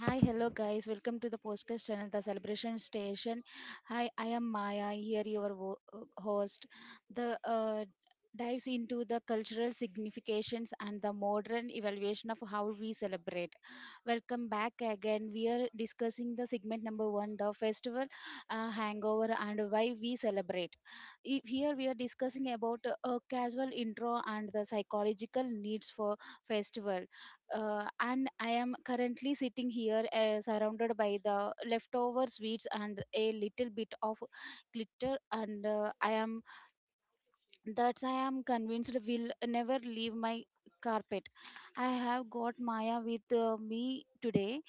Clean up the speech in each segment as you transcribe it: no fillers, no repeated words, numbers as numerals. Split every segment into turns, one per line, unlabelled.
Hi, hello guys. Welcome to the podcast channel, The Celebration Station. Hi, I am Maya, here your host. The dives into the cultural significations and the modern evaluation of how we celebrate. Welcome back again. We are discussing the segment number one, the festival hangover and why we celebrate. Here we are discussing about a casual intro and the psychological needs for festival, and I am currently sitting here surrounded by the leftover sweets and a little bit of glitter, and I am that I am convinced will never leave my carpet. I have got Maya with me today.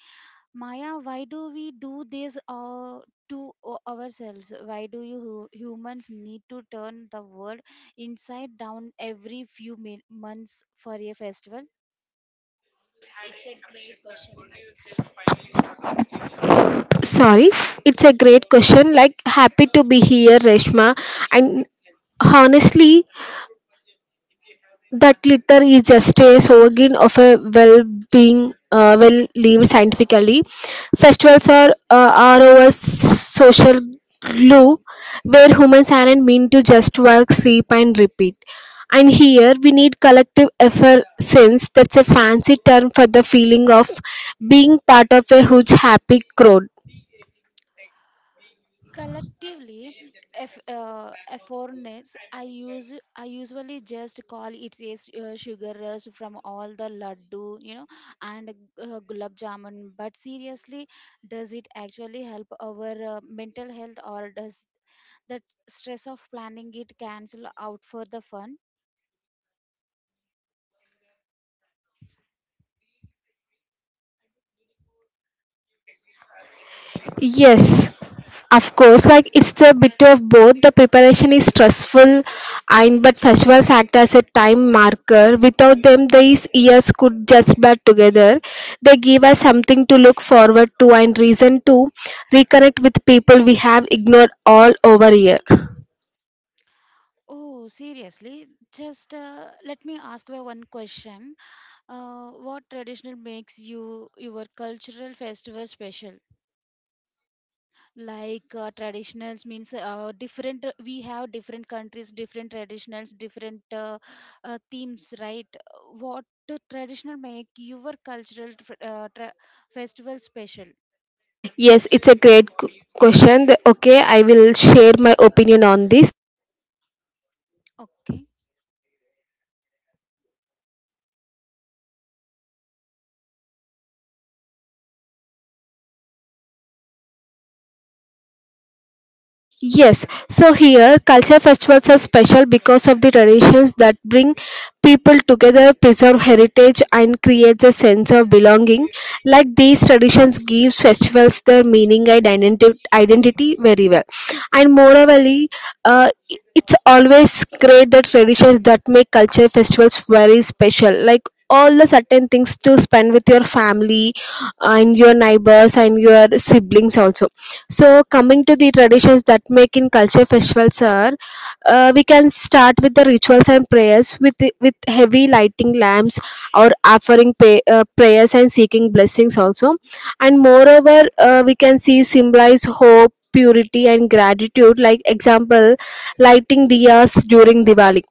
Maya, why do we do this to ourselves? Why do you humans need to turn the world inside down every few months for a festival?
Sorry, it's a great question. Like, happy to be here, Reshma. And honestly, that litter is just a slogan of a well-being, well-lived scientifically. Festivals are our social glue, where humans aren't meant to just work, sleep, and repeat. And here we need collective effervescence. That's a fancy term for the feeling of being part of a huge happy crowd.
Collectively, if effortness, I usually just call it a sugar rush from all the laddu, and gulab jamun. But seriously, does it actually help our mental health, or does that stress of planning it cancel out for the fun?
Yes. Of course, like it's the bit of both. The preparation is stressful, and but festivals act as a time marker. Without them, these years could just blur together. They give us something to look forward to and reason to reconnect with people we have ignored all over year.
Oh, seriously, just let me ask you one question. What traditional makes you your cultural festival special? Like traditionals means different, we have different countries, different traditionals, different themes, right? What the traditional make your cultural festival special?
Yes, it's a great question. Okay, I will share my opinion on this.
Okay.
Yes, so here culture festivals are special because of the traditions that bring people together, preserve heritage, and creates a sense of belonging. Like these traditions gives festivals their meaning and identity very well. And moreover, uh, it's always great that traditions that make culture festivals very special. Like all the certain things to spend with your family and your neighbors and your siblings also, so coming to the traditions that make in culture festivals are, we can start with the rituals and prayers with heavy lighting lamps or offering prayers and seeking blessings also. And moreover, we can see symbolize hope, purity and gratitude. Like example, lighting diyas during Diwali.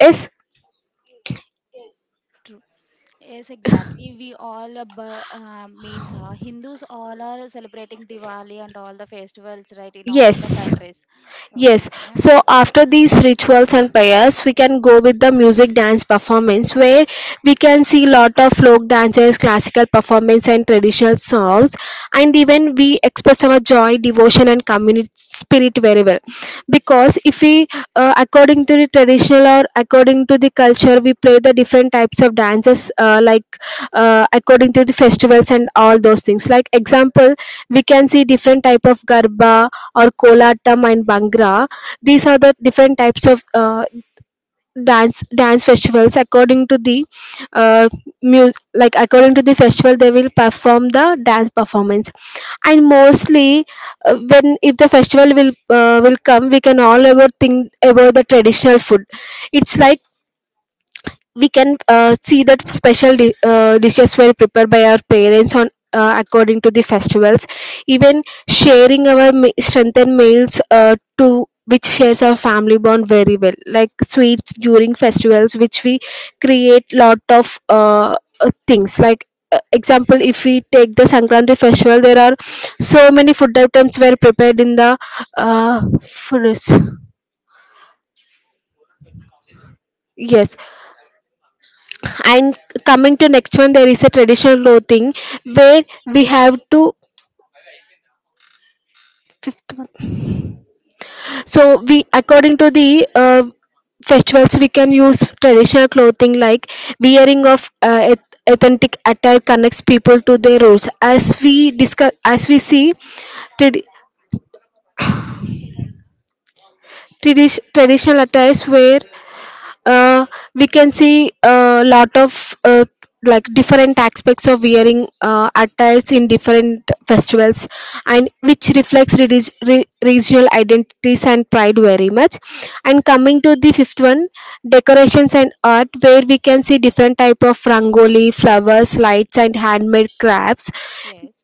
Yes,
True. Yes, exactly, we all bu- means Hindus all are celebrating Diwali and all the festivals, right, in all the
yes.
countries?
Yes,
Okay.
so after these rituals and prayers, we can go with the music dance performance where we can see lot of folk dances, classical performance, and traditional songs, and even we express our joy, devotion, and community spirit very well. Because if we, according to the traditional or according to the culture, we play the different types of dances, like according to the festivals and all those things. Like example, we can see different type of garba or Kolatam and Bhangra. These are the different types of dance festivals according to the uh, like according to the festival they will perform the dance performance. And mostly, when if the festival will come, we can all about think about the traditional food. It's like we can see that special dishes were prepared by our parents on according to the festivals. Even sharing our strengthened meals to which shares our family bond very well, like sweets during festivals which we create lot of things, like example if we take the sankranti festival, there are so many food items were prepared in the uh, food. Yes. And coming to next one, there is a traditional clothing where we have to fifth one. So we, according to the festivals, we can use traditional clothing like wearing of authentic attire connects people to their roots. As we discuss, as we see, tradi- traditional attires were, uh, we can see a lot of like different aspects of wearing attires in different festivals, and which reflects regional identities and pride very much. And coming to the fifth one, decorations and art where we can see different type of rangoli, flowers, lights, and handmade crafts.
Yes.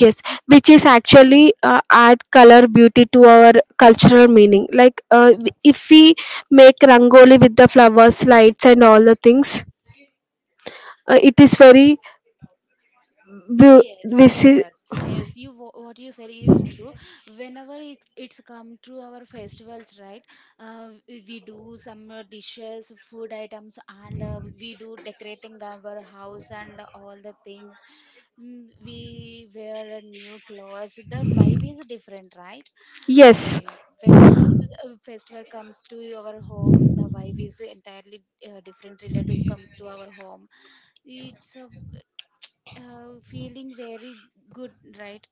Yes, which is actually add color beauty to our cultural meaning. Like, if we make rangoli with the flowers, lights, and all the things, it is very beau-
Yes,
this is
yes, yes. You what you said is true. Whenever it's come to our festivals, right? We do some dishes, food items, and we do decorating our house and all the things. We wear a new clothes. The vibe is different, right? I
yes.
whenever a festival comes to our home, the vibe is entirely different. Relatives come to our home. It's a feeling very good, right?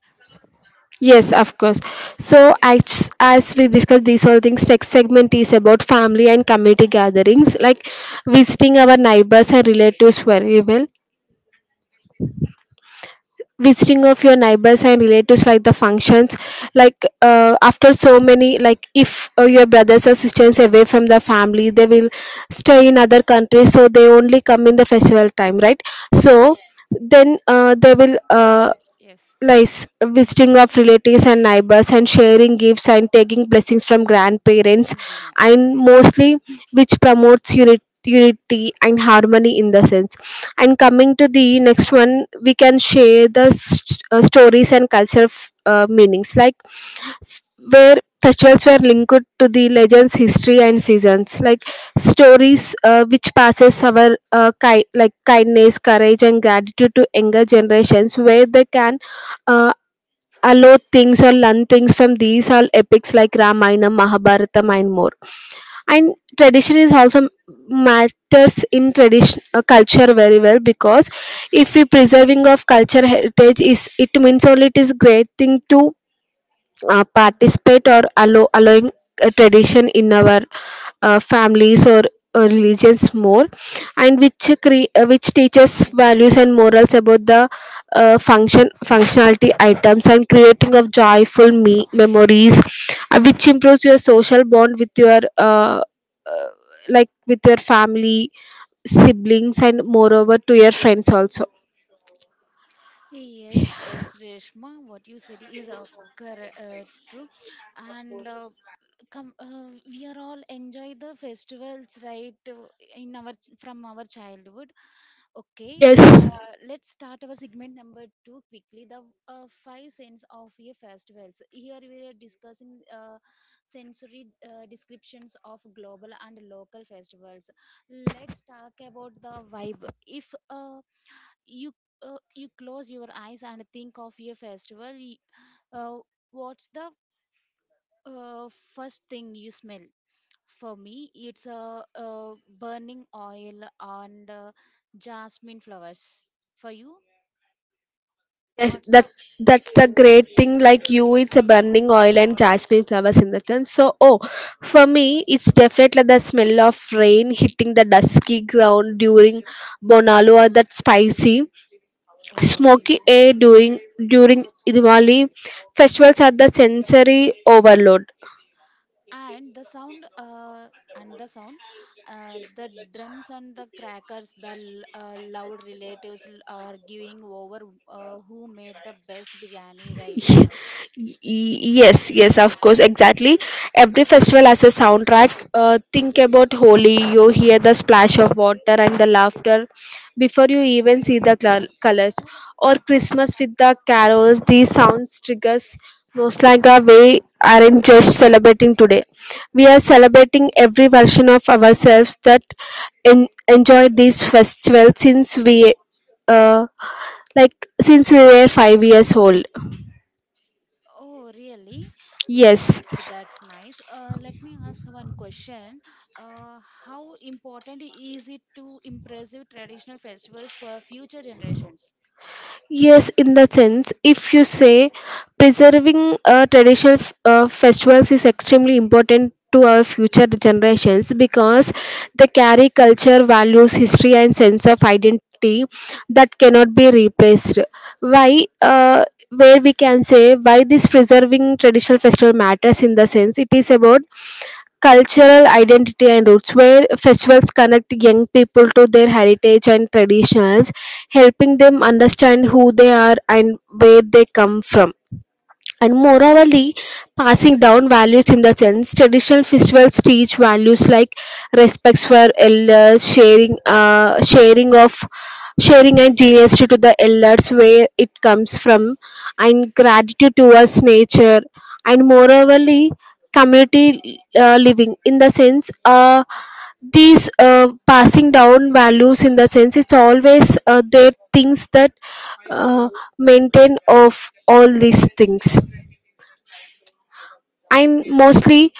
Yes, of course. So,
So,
as we discussed these all things, text segment is about family and community gatherings, like visiting our neighbors and relatives very well. Visiting of your neighbors and relatives, like the functions, like after so many, like if your brothers or sisters away from the family, they will stay in other countries, so they only come in the festival time, right? So then, they will,
yes, yes.
like, visiting of relatives and neighbors and sharing gifts and taking blessings from
Yeah.
grandparents.
Yeah.
And mostly, which promotes unity and harmony in the sense. And coming to the next one, we can share the stories and culture meanings, like where festivals were linked to the legends, history, and seasons, like stories which passes our like kindness, courage, and gratitude to younger generations, where they can uh, allowed things or learn things from these all epics like Ramayana, Mahabharata, and more. And tradition is also matters in tradition culture very well, because if we preserving of culture heritage is, it means only it is great thing to participate or allowing a tradition in our families or religions more, and which which teaches values and morals about the functionality items and creating of joyful memories, which improves your social bond with your uh, like with your family, siblings, and moreover to your friends also.
Yes, yes, Reshma, what you said is corre- uh, true. And come, we are all enjoy the festivals, right? In our from our childhood. Okay,
Yes.
let's start our segment number two quickly. The five sense of a festivals. Here we are discussing sensory descriptions of global and local festivals. Let's talk about the vibe. If you you close your eyes and think of a festival, uh, what's the uh, first thing you smell? For me, it's a burning oil and jasmine flowers. For you,
Yes,
what's the...
that's the great thing. Like you, it's a burning oil and jasmine flowers in the sun. So, oh, for me, it's definitely the smell of rain hitting the dusky ground during Bonalu, or that spicy,
Oh,
smoky
nice.
air during Diwali. Festivals are the sensory overload.
And the sound, and the sound the drums and the crackers, the loud relatives arguing over who made the best biryani, right?
Yes, yes, of course, exactly, every festival has a soundtrack. Think about Holi. You hear the splash of water and the laughter before you even see the colors, or Christmas with the carols. These sounds triggers nostalgia. We aren't just celebrating today, we are celebrating every version of ourselves that enjoyed these festivals since we uh, like since we were 5 years old.
Oh, really?
Yes,
Okay, that's nice. Let me ask one question. Uh, how important is it to impressive traditional festivals for future generations?
yes, in the sense, if you say preserving traditional festivals is extremely important to our future generations, because they carry culture, values, history, and sense of identity that cannot be replaced. Why? Where we can say why this preserving traditional festival matters, in the sense it is about cultural identity and roots, where festivals connect young people to their heritage and traditions, helping them understand who they are and where they come from, and morally passing down values, in the sense traditional festivals teach values like respects for elders, sharing and generosity to the elders where it comes from, and gratitude towards nature. And morally, community, living, in the sense, these, passing down values, in the sense it's always, there things that, uh, maintain of all these things. I'm mostly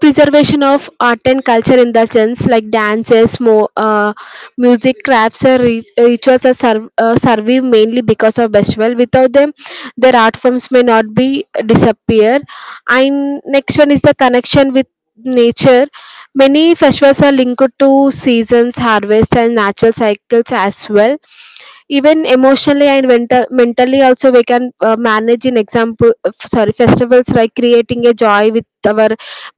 preservation of art and culture, in the sense like dances, music, crafts, or rituals are survive mainly because of festival. Without them, their art forms may not be disappear. And next one is the connection with nature. Many festivals are linked to seasons, harvest, and natural cycles as well, even emotionally and mentally also, we can manage, in example sorry, festivals like creating a joy with our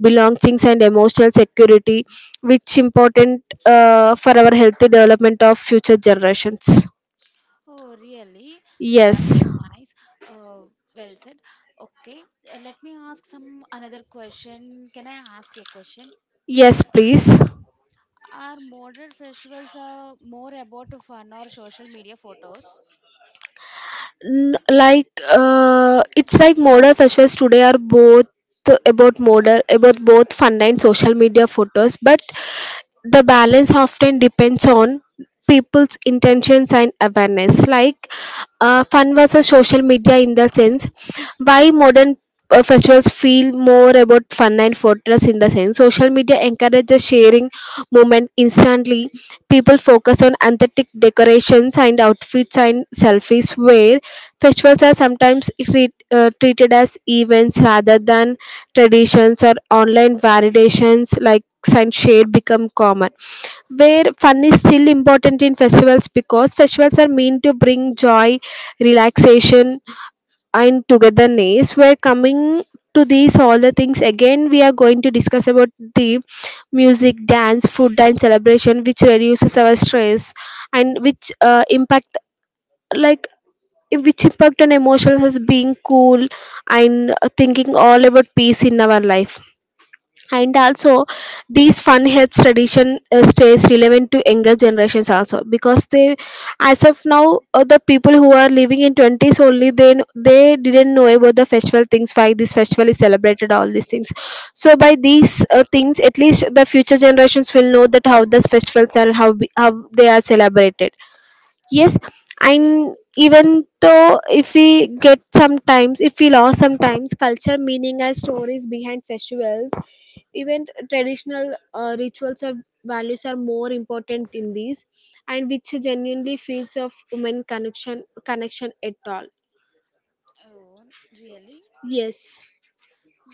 belongings and emotional security, which important for our healthy development of future generations.
Oh, really? That's
Yes.
nice. Uh, well said. Okay, let me ask some another question. Can I ask a question?
Yes, please.
Are modern festivals more about fun or social media photos?
Like, it's like modern festivals today are both about model about both fun and social media photos, but the balance often depends on people's intentions and awareness. Like, fun versus social media, in the sense why modern, festivals feel more about fun and photos, in the sense social media encourages sharing moment instantly. People focus on aesthetic decorations and outfits and selfies, where festivals are sometimes treated as events rather than traditions or online validations, like, and shade become common, where fun is still important in festivals, because festivals are meant to bring joy, relaxation, and togetherness. We're coming to these all the things again. We are going to discuss about the music, dance, food, and celebration, which reduces our stress and like which impact on emotions as being cool, and thinking all about peace in our life. And also, these fun helps tradition stays relevant to younger generations also, because they, as of now, the people who are living in 20s only, they they didn't know about the festival things, why this festival is celebrated, all these things. So by these things, at least the future generations will know that how these festivals are and how they are celebrated. Yes, and
Yes, true.
even though if we get sometimes, if we lost sometimes culture, meaning, and stories behind festivals, even traditional rituals or values are more important in these, and which genuinely feels of human connection at all.
Oh, really?
Yes,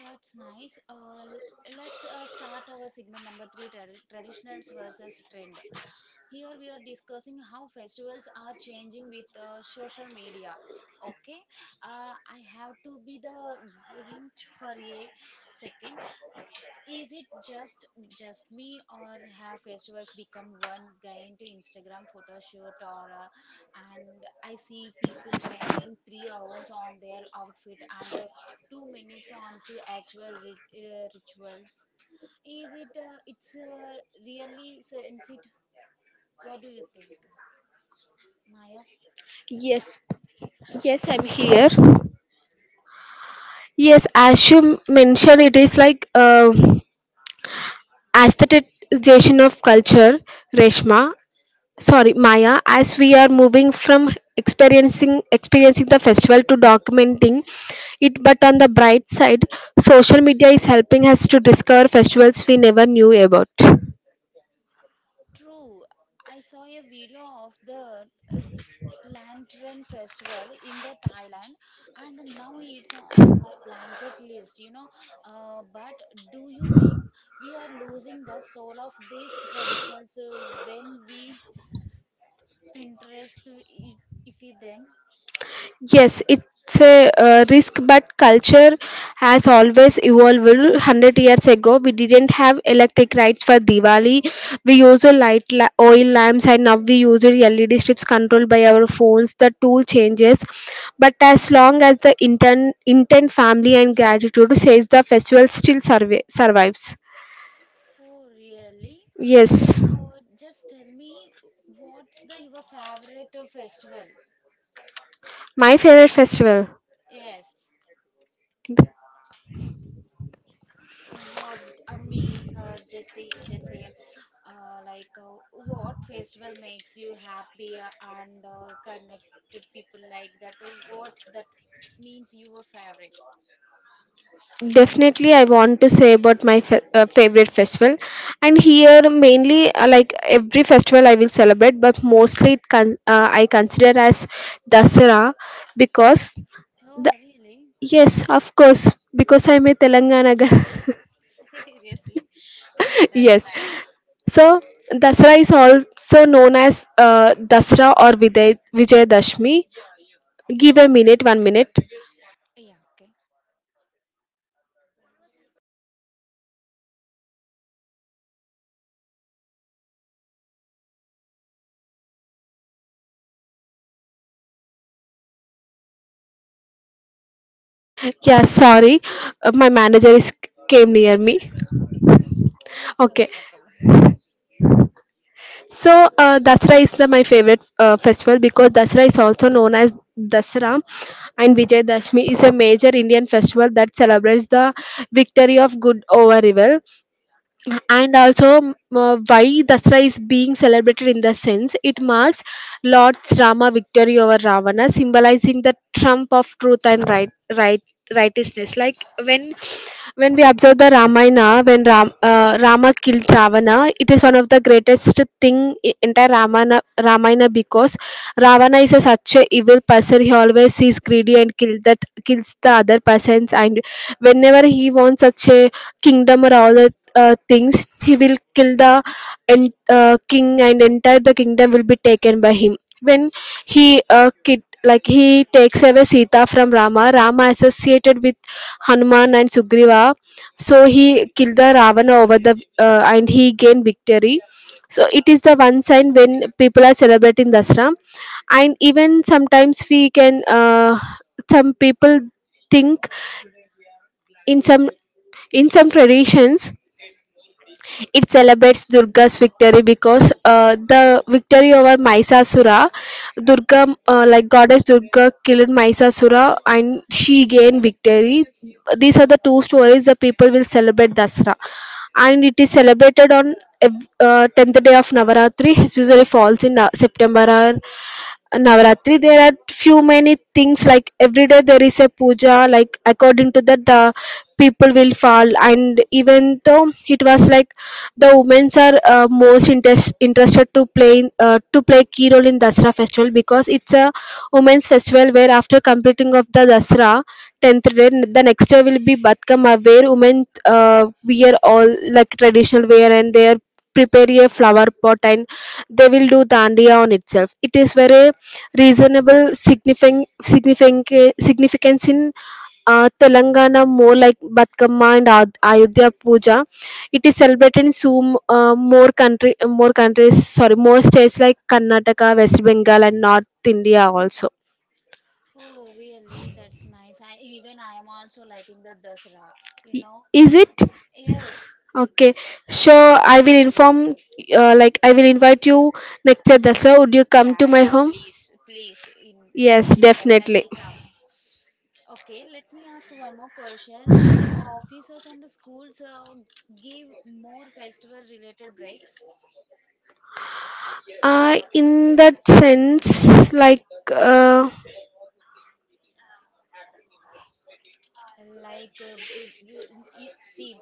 That's nice. Let's start our segment number three, traditionals versus trend. Here we are discussing how festivals are changing with social media. Okay, I have to be the Grinch for a second. Is it just me, or have festivals become one giant Instagram photo shoot? Or and I see people spending 3 hours on their outfit and 2 minutes on to actual ritual. Is it? It's really sensitive. What do you think, Maya?
yes, yes, I'm here. Yes, as you mentioned, it is like aestheticization of culture, Reshma. Sorry, Maya, as we are moving from experiencing the festival to documenting it, but on the bright side, social media is helping us to discover festivals we never knew about.
True. I saw a video of the lantern festival in the Thailand, and now it's on my blanket list. But do you think we are losing the soul of these traditionals when we pinterest if them?
Yes, it's a risk, but culture has always evolved. 100 years ago, we didn't have electric lights for Diwali. We used oil lamps, and now we use LED strips controlled by our phones. The tool changes, but as long as the intent, family, and gratitude says the festival still survives.
Oh, really?
Yes,
uh, just tell me, what's the your favorite festival?
my favorite festival.
Yes. What means just the just say, like, what festival makes you happy, and connected people like that? What's that means your favorite?
Definitely I want to say about my favorite festival, and here mainly, like every festival I will celebrate, but mostly I consider as Dasara because the,
Oh, really?
yes, of course, because I'm a Telangana girl.
Seriously.
Yes,
That's nice.
so Dasara is also known as Dasra or Vijayadashmi. Give a minute, 1 minute.
Yeah, okay.
Yeah, sorry, my manager is came near me.
It's
Okay,
okay, no problem.
so Dasra is my favorite festival because Dasra is also known as Dasra, and Vijay Dashmi is a major Indian festival that celebrates the victory of good over evil. And also, why Dasara is being celebrated, in the sense it marks Lord's Rama victory over Ravana, symbolizing the trump of truth and right, righteousness. Like when we observe the Ramayana, when Rama killed Ravana, it is one of the greatest thing in entire Ramayana because Ravana is a, such a evil person. He always is greedy and kills the other persons. And whenever he wants such a kingdom or all the things, he will kill the king, and entire the kingdom will be taken by him. When he kid, like he takes away Sita from Rama, Rama associated with Hanuman and Sugriva, so he killed the Ravana over the and he gained victory. So it is the one sign when people are celebrating Dasra, and even sometimes we can, some people think in some, in some traditions it celebrates Durga's victory because, the victory over Maisasura, Durga, like goddess Durga, killed Maisasura and she gained victory. These are the two stories the people will celebrate Dasra, and it is celebrated on 10th day of Navaratri. It usually falls in September, or Navaratri, there are few many things like every day there is a puja, like according to that, the people will fall. And even though it was like the women's are most interested to play in, to play key role in Dasra festival, because it's a women's festival where after completing of the Dasra tenth day, the next day will be Batkama, where women wear all like traditional wear, and they are prepare a flower pot, and they will do dandiya on itself. It is very reasonable significant significance significance in Telangana, more like Batkama and Ayodhya Puja. It is celebrated in so more countries. Sorry, more states like Karnataka, West Bengal, and North India also.
Oh, really? That's nice. I even I am also liking the Dasra, you
I-
know.
Is it
Yes.
okay? So I will inform. Like I will invite you next year. That's why would you come to
Yeah,
my
yeah,
home?
please, please. In I
Yes,
will
definitely.
definitely come. Okay, let me ask one more question. Should offices and the schools give more festival related breaks?
In that sense, like, uh,
Like if you, see,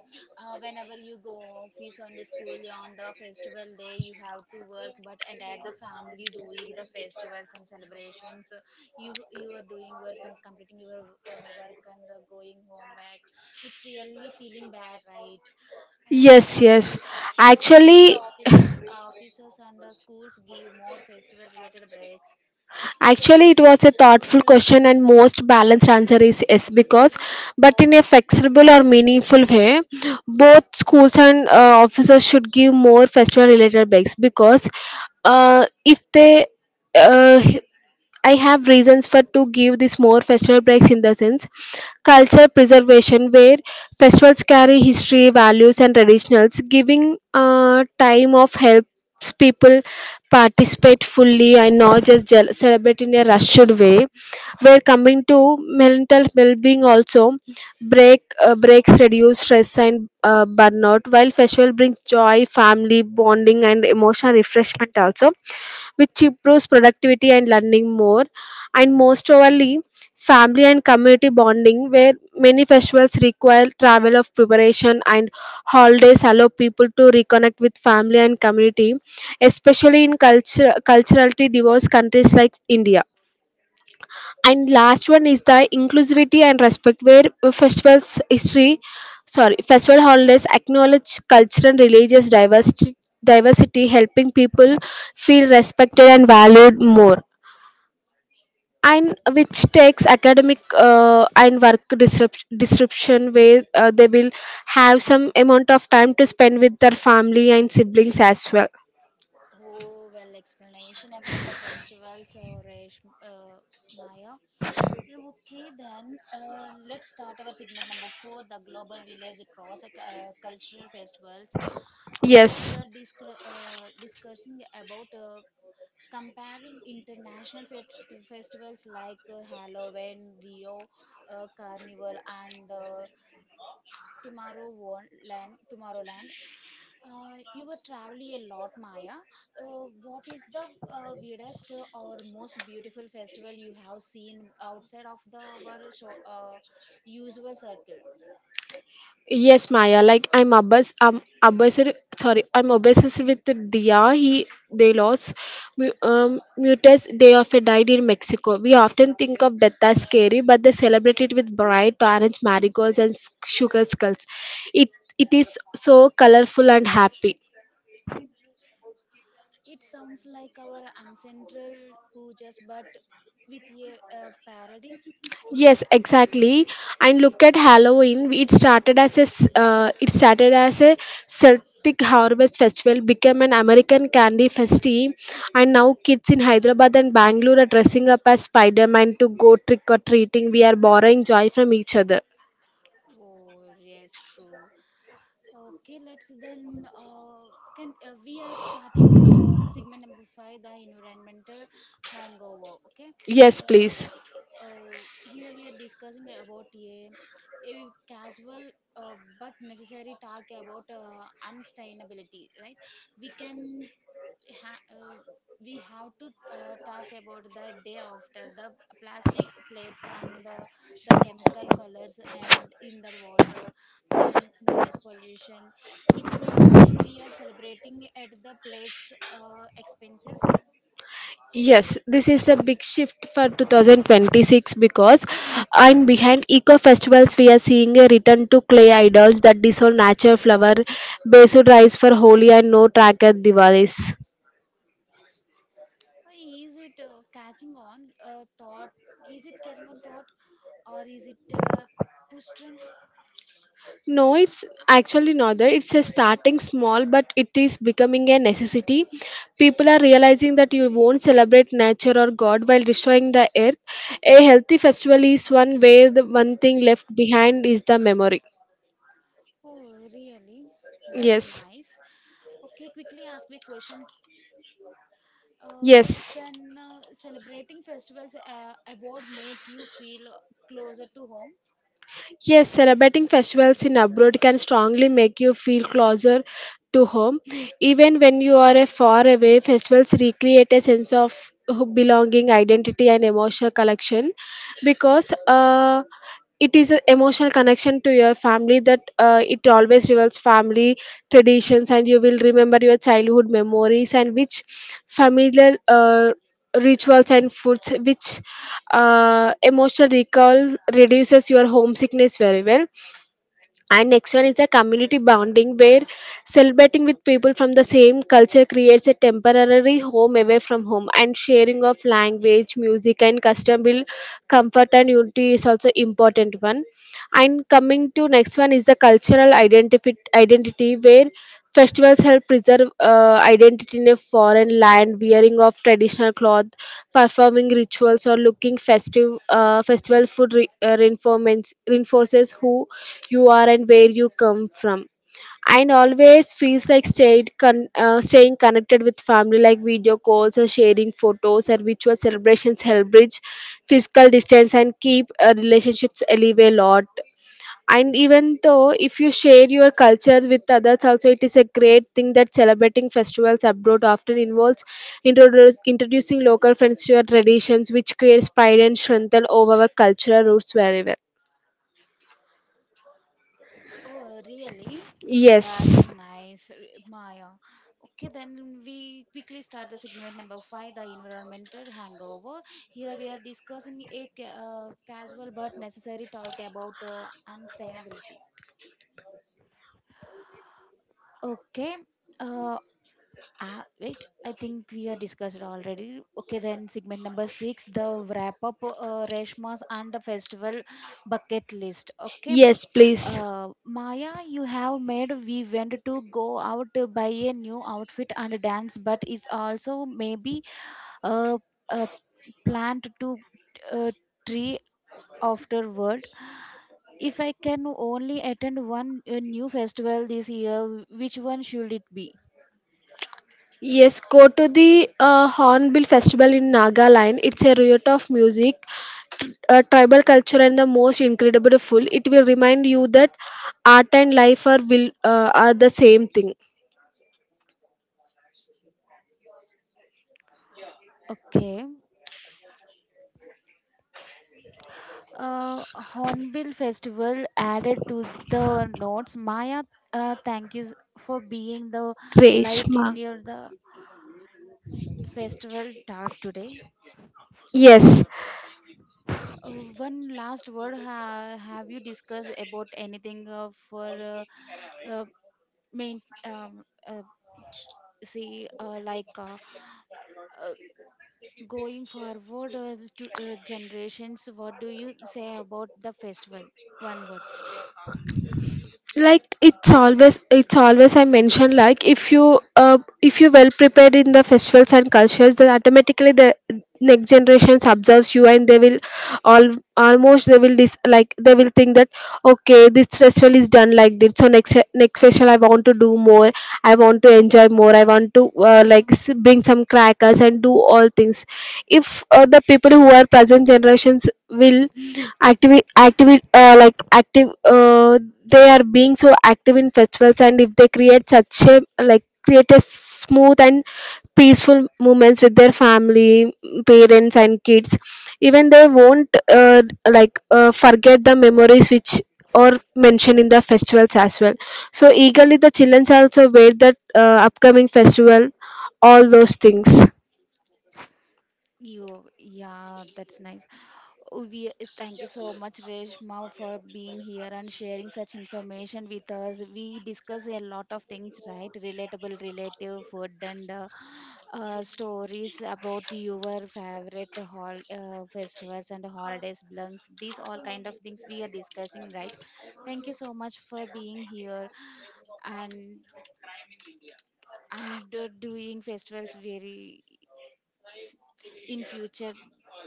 whenever you go office on the school on the festival day you have to work, but and at the family doing the festivals and celebrations, you are doing work and completing your work and going home back. It's really feeling bad, right? uh,
yes, yes.
so should
Actually,
offices and schools give more festival related breaks?
Actually, it was a thoughtful question, and most balanced answer is yes, because, but in a flexible or meaningful way, both schools and officers should give more festival related breaks because if they uh, I have reasons for to give this more festival breaks in the sense culture preservation, where festivals carry history, values and traditionals, giving time of helps people participate fully and not just celebrate in a rushed way. We're coming to mental well-being also. Breaks reduce stress and burnout, while festival brings joy, family bonding and emotional refreshment also, which improves productivity and learning more. And most of overly, family and community bonding, where many festivals require travel of preparation, and holidays allow people to reconnect with family and community, especially in culturally diverse countries like India. And last one is the inclusivity and respect, where festivals history sorry, festival holidays acknowledge cultural and religious diversity, helping people feel respected and valued more. And which takes academic and work disruption, where they will have some amount of time to spend with their family and siblings as well.
Oh, well explanation about the festivals, Maya. Okay, then let's start our segment number four, the Global Village Cross Cultural Festivals. Here
Yes.
we are discussing about comparing international festivals like Halloween, Rio Carnival, and Tomorrow Tomorrowland. You were traveling a lot, Maya. What is the weirdest or most beautiful festival you have seen outside of the our show, usual circle?
Yes, Maya. Like I'm obsessed. Sorry, I'm obsessed with Dia. He they lost mutes. They often died in Mexico. We often think of death as scary, but they celebrate it with bright orange marigolds and sugar skulls. It it is so colorful and happy.
It sounds like our ancestral pujas, but with a parody.
Yes, exactly. And look at Halloween. It started as a Celtic harvest festival, became an American candy festival, and now kids in Hyderabad and Bangalore are dressing up as Spider-Man to go trick or treating. We are borrowing joy from each other.
Oh, yes, true. Okay, let's then can we are starting segment number five, the environmental hangover. Okay.
Yes,
uh,
please.
here we are discussing about a casual but necessary talk about unsustainability. Right, we can ha- uh, we have to talk about the day after the plastic plates and the chemical colors and in the water and noise pollution. It feels like we are celebrating at the plates expenses.
Yes, this is the big shift for 2026, because and behind eco festivals we are seeing a return to clay idols that dissolve, natural flower based rice for Holi, and no tracker Diwalis.
Is it catching on thought? is it catching on thought or is it push trend?
No, it's actually not that. It's a starting small, but it is becoming a necessity. People are realizing that you won't celebrate nature or God while destroying the earth. A healthy festival is one where the one thing left behind is the memory.
Oh, really? That's
Yes,
nice. Okay, quickly ask me question. Uh,
yes.
can celebrating festivals abroad make you feel closer to home?
Yes, celebrating festivals in abroad can strongly make you feel closer to home. Even when you are a far away, festivals recreate a sense of belonging, identity, and emotional connection, because it is an emotional connection to your family, that it always revolves family traditions, and you will remember your childhood memories and which familiar. Rituals and foods which emotional recall reduces your homesickness very well. And next one is the community bonding, where celebrating with people from the same culture creates a temporary home away from home, and sharing of language music and custom will comfort, and unity is also important one. And coming to next one is the cultural identity, where festivals help preserve identity in a foreign land, wearing of traditional cloth, performing rituals, or looking festive. Festival food reinforces who you are and where you come from. And always feels like staying connected with family like video calls or sharing photos or virtual celebrations, help bridge physical distance and keep relationships alive a lot. And even though if you share your culture with others also, it is a great thing that celebrating festivals abroad often involves introducing local friends to your traditions, which creates pride and strength over our cultural roots wherever.
Oh, really?
Yes.
That's nice, Maya. Okay, then we quickly start the segment number five, the environmental hangover. Here we are discussing casual but necessary talk about unsustainability. Okay. Uh, ah, right. I think we are discussed already. Okay, then segment number six, the wrap up, Reshma's and the festival bucket list. Okay,
Yes, please.
Maya, you have made we went to go out to buy a new outfit and dance, but it's also maybe a, a plant to uh, tree afterward. If I can only attend one new festival this year, which one should it be?
Yes, go to the Hornbill Festival in Nagaland. It's a riot of music, tribal culture, and the most incredible food. It will remind you that art and life are the same thing.
Okay. Hornbill Festival added to the notes. Maya, thank you for being the light
Reshma.
in your the festival dark today.
Yes,
Uh, one last word. Have you discussed about anything for uh, uh, main? Ch- see, like, uh, going forward to generations. What do you say about the festival? One word.
like it's always I mentioned, like if you well prepared in the festivals and cultures, then automatically the next generations observes you, and they will all, almost they will like they will think that okay, this festival is done like this, so next, next festival I want to do more, I want to enjoy more, I want to bring some crackers and do all things. If the people who are present generations will active active like active they are being so active in festivals, and if they create such a, like create a smooth and peaceful moments with their family, parents and kids, even they won't forget the memories which or mentioned in the festivals as well. So eagerly the children also wait that upcoming festival, all those things.
You, yeah, that's nice. Oh, we is- thank you so much, Reshma, for being here and sharing such information with us. We discuss a lot of things, right? Relatable, relative food, and stories about your favorite hol festivals and holidays, blunks. These all kind of things we are discussing, right? Thank you so much for being here, and I'm doing festivals very in future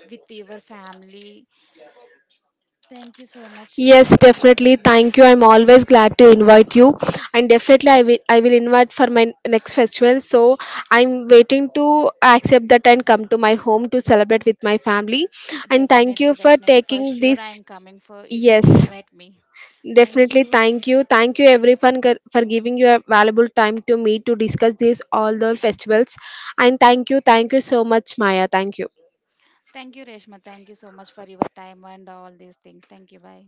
with your family. Thank you so much,
Yes, definitely.
Alishma.
Thank you. I'm always glad to invite you, and definitely I will. I will invite for my next festival. So I'm waiting to accept that and come to my home to celebrate with my family. And thank you
Definitely,
for
definitely. For
taking this.
sure, I am coming for if you
Yes,
invite me. Thank
definitely.
you.
Thank you. Thank you, everyone, for giving your valuable time to me to discuss these all the festivals. And thank you. Thank you so much, Maya. Thank you.
Thank you, Reshma. Thank you so much for your time and all these things. Thank you. Bye.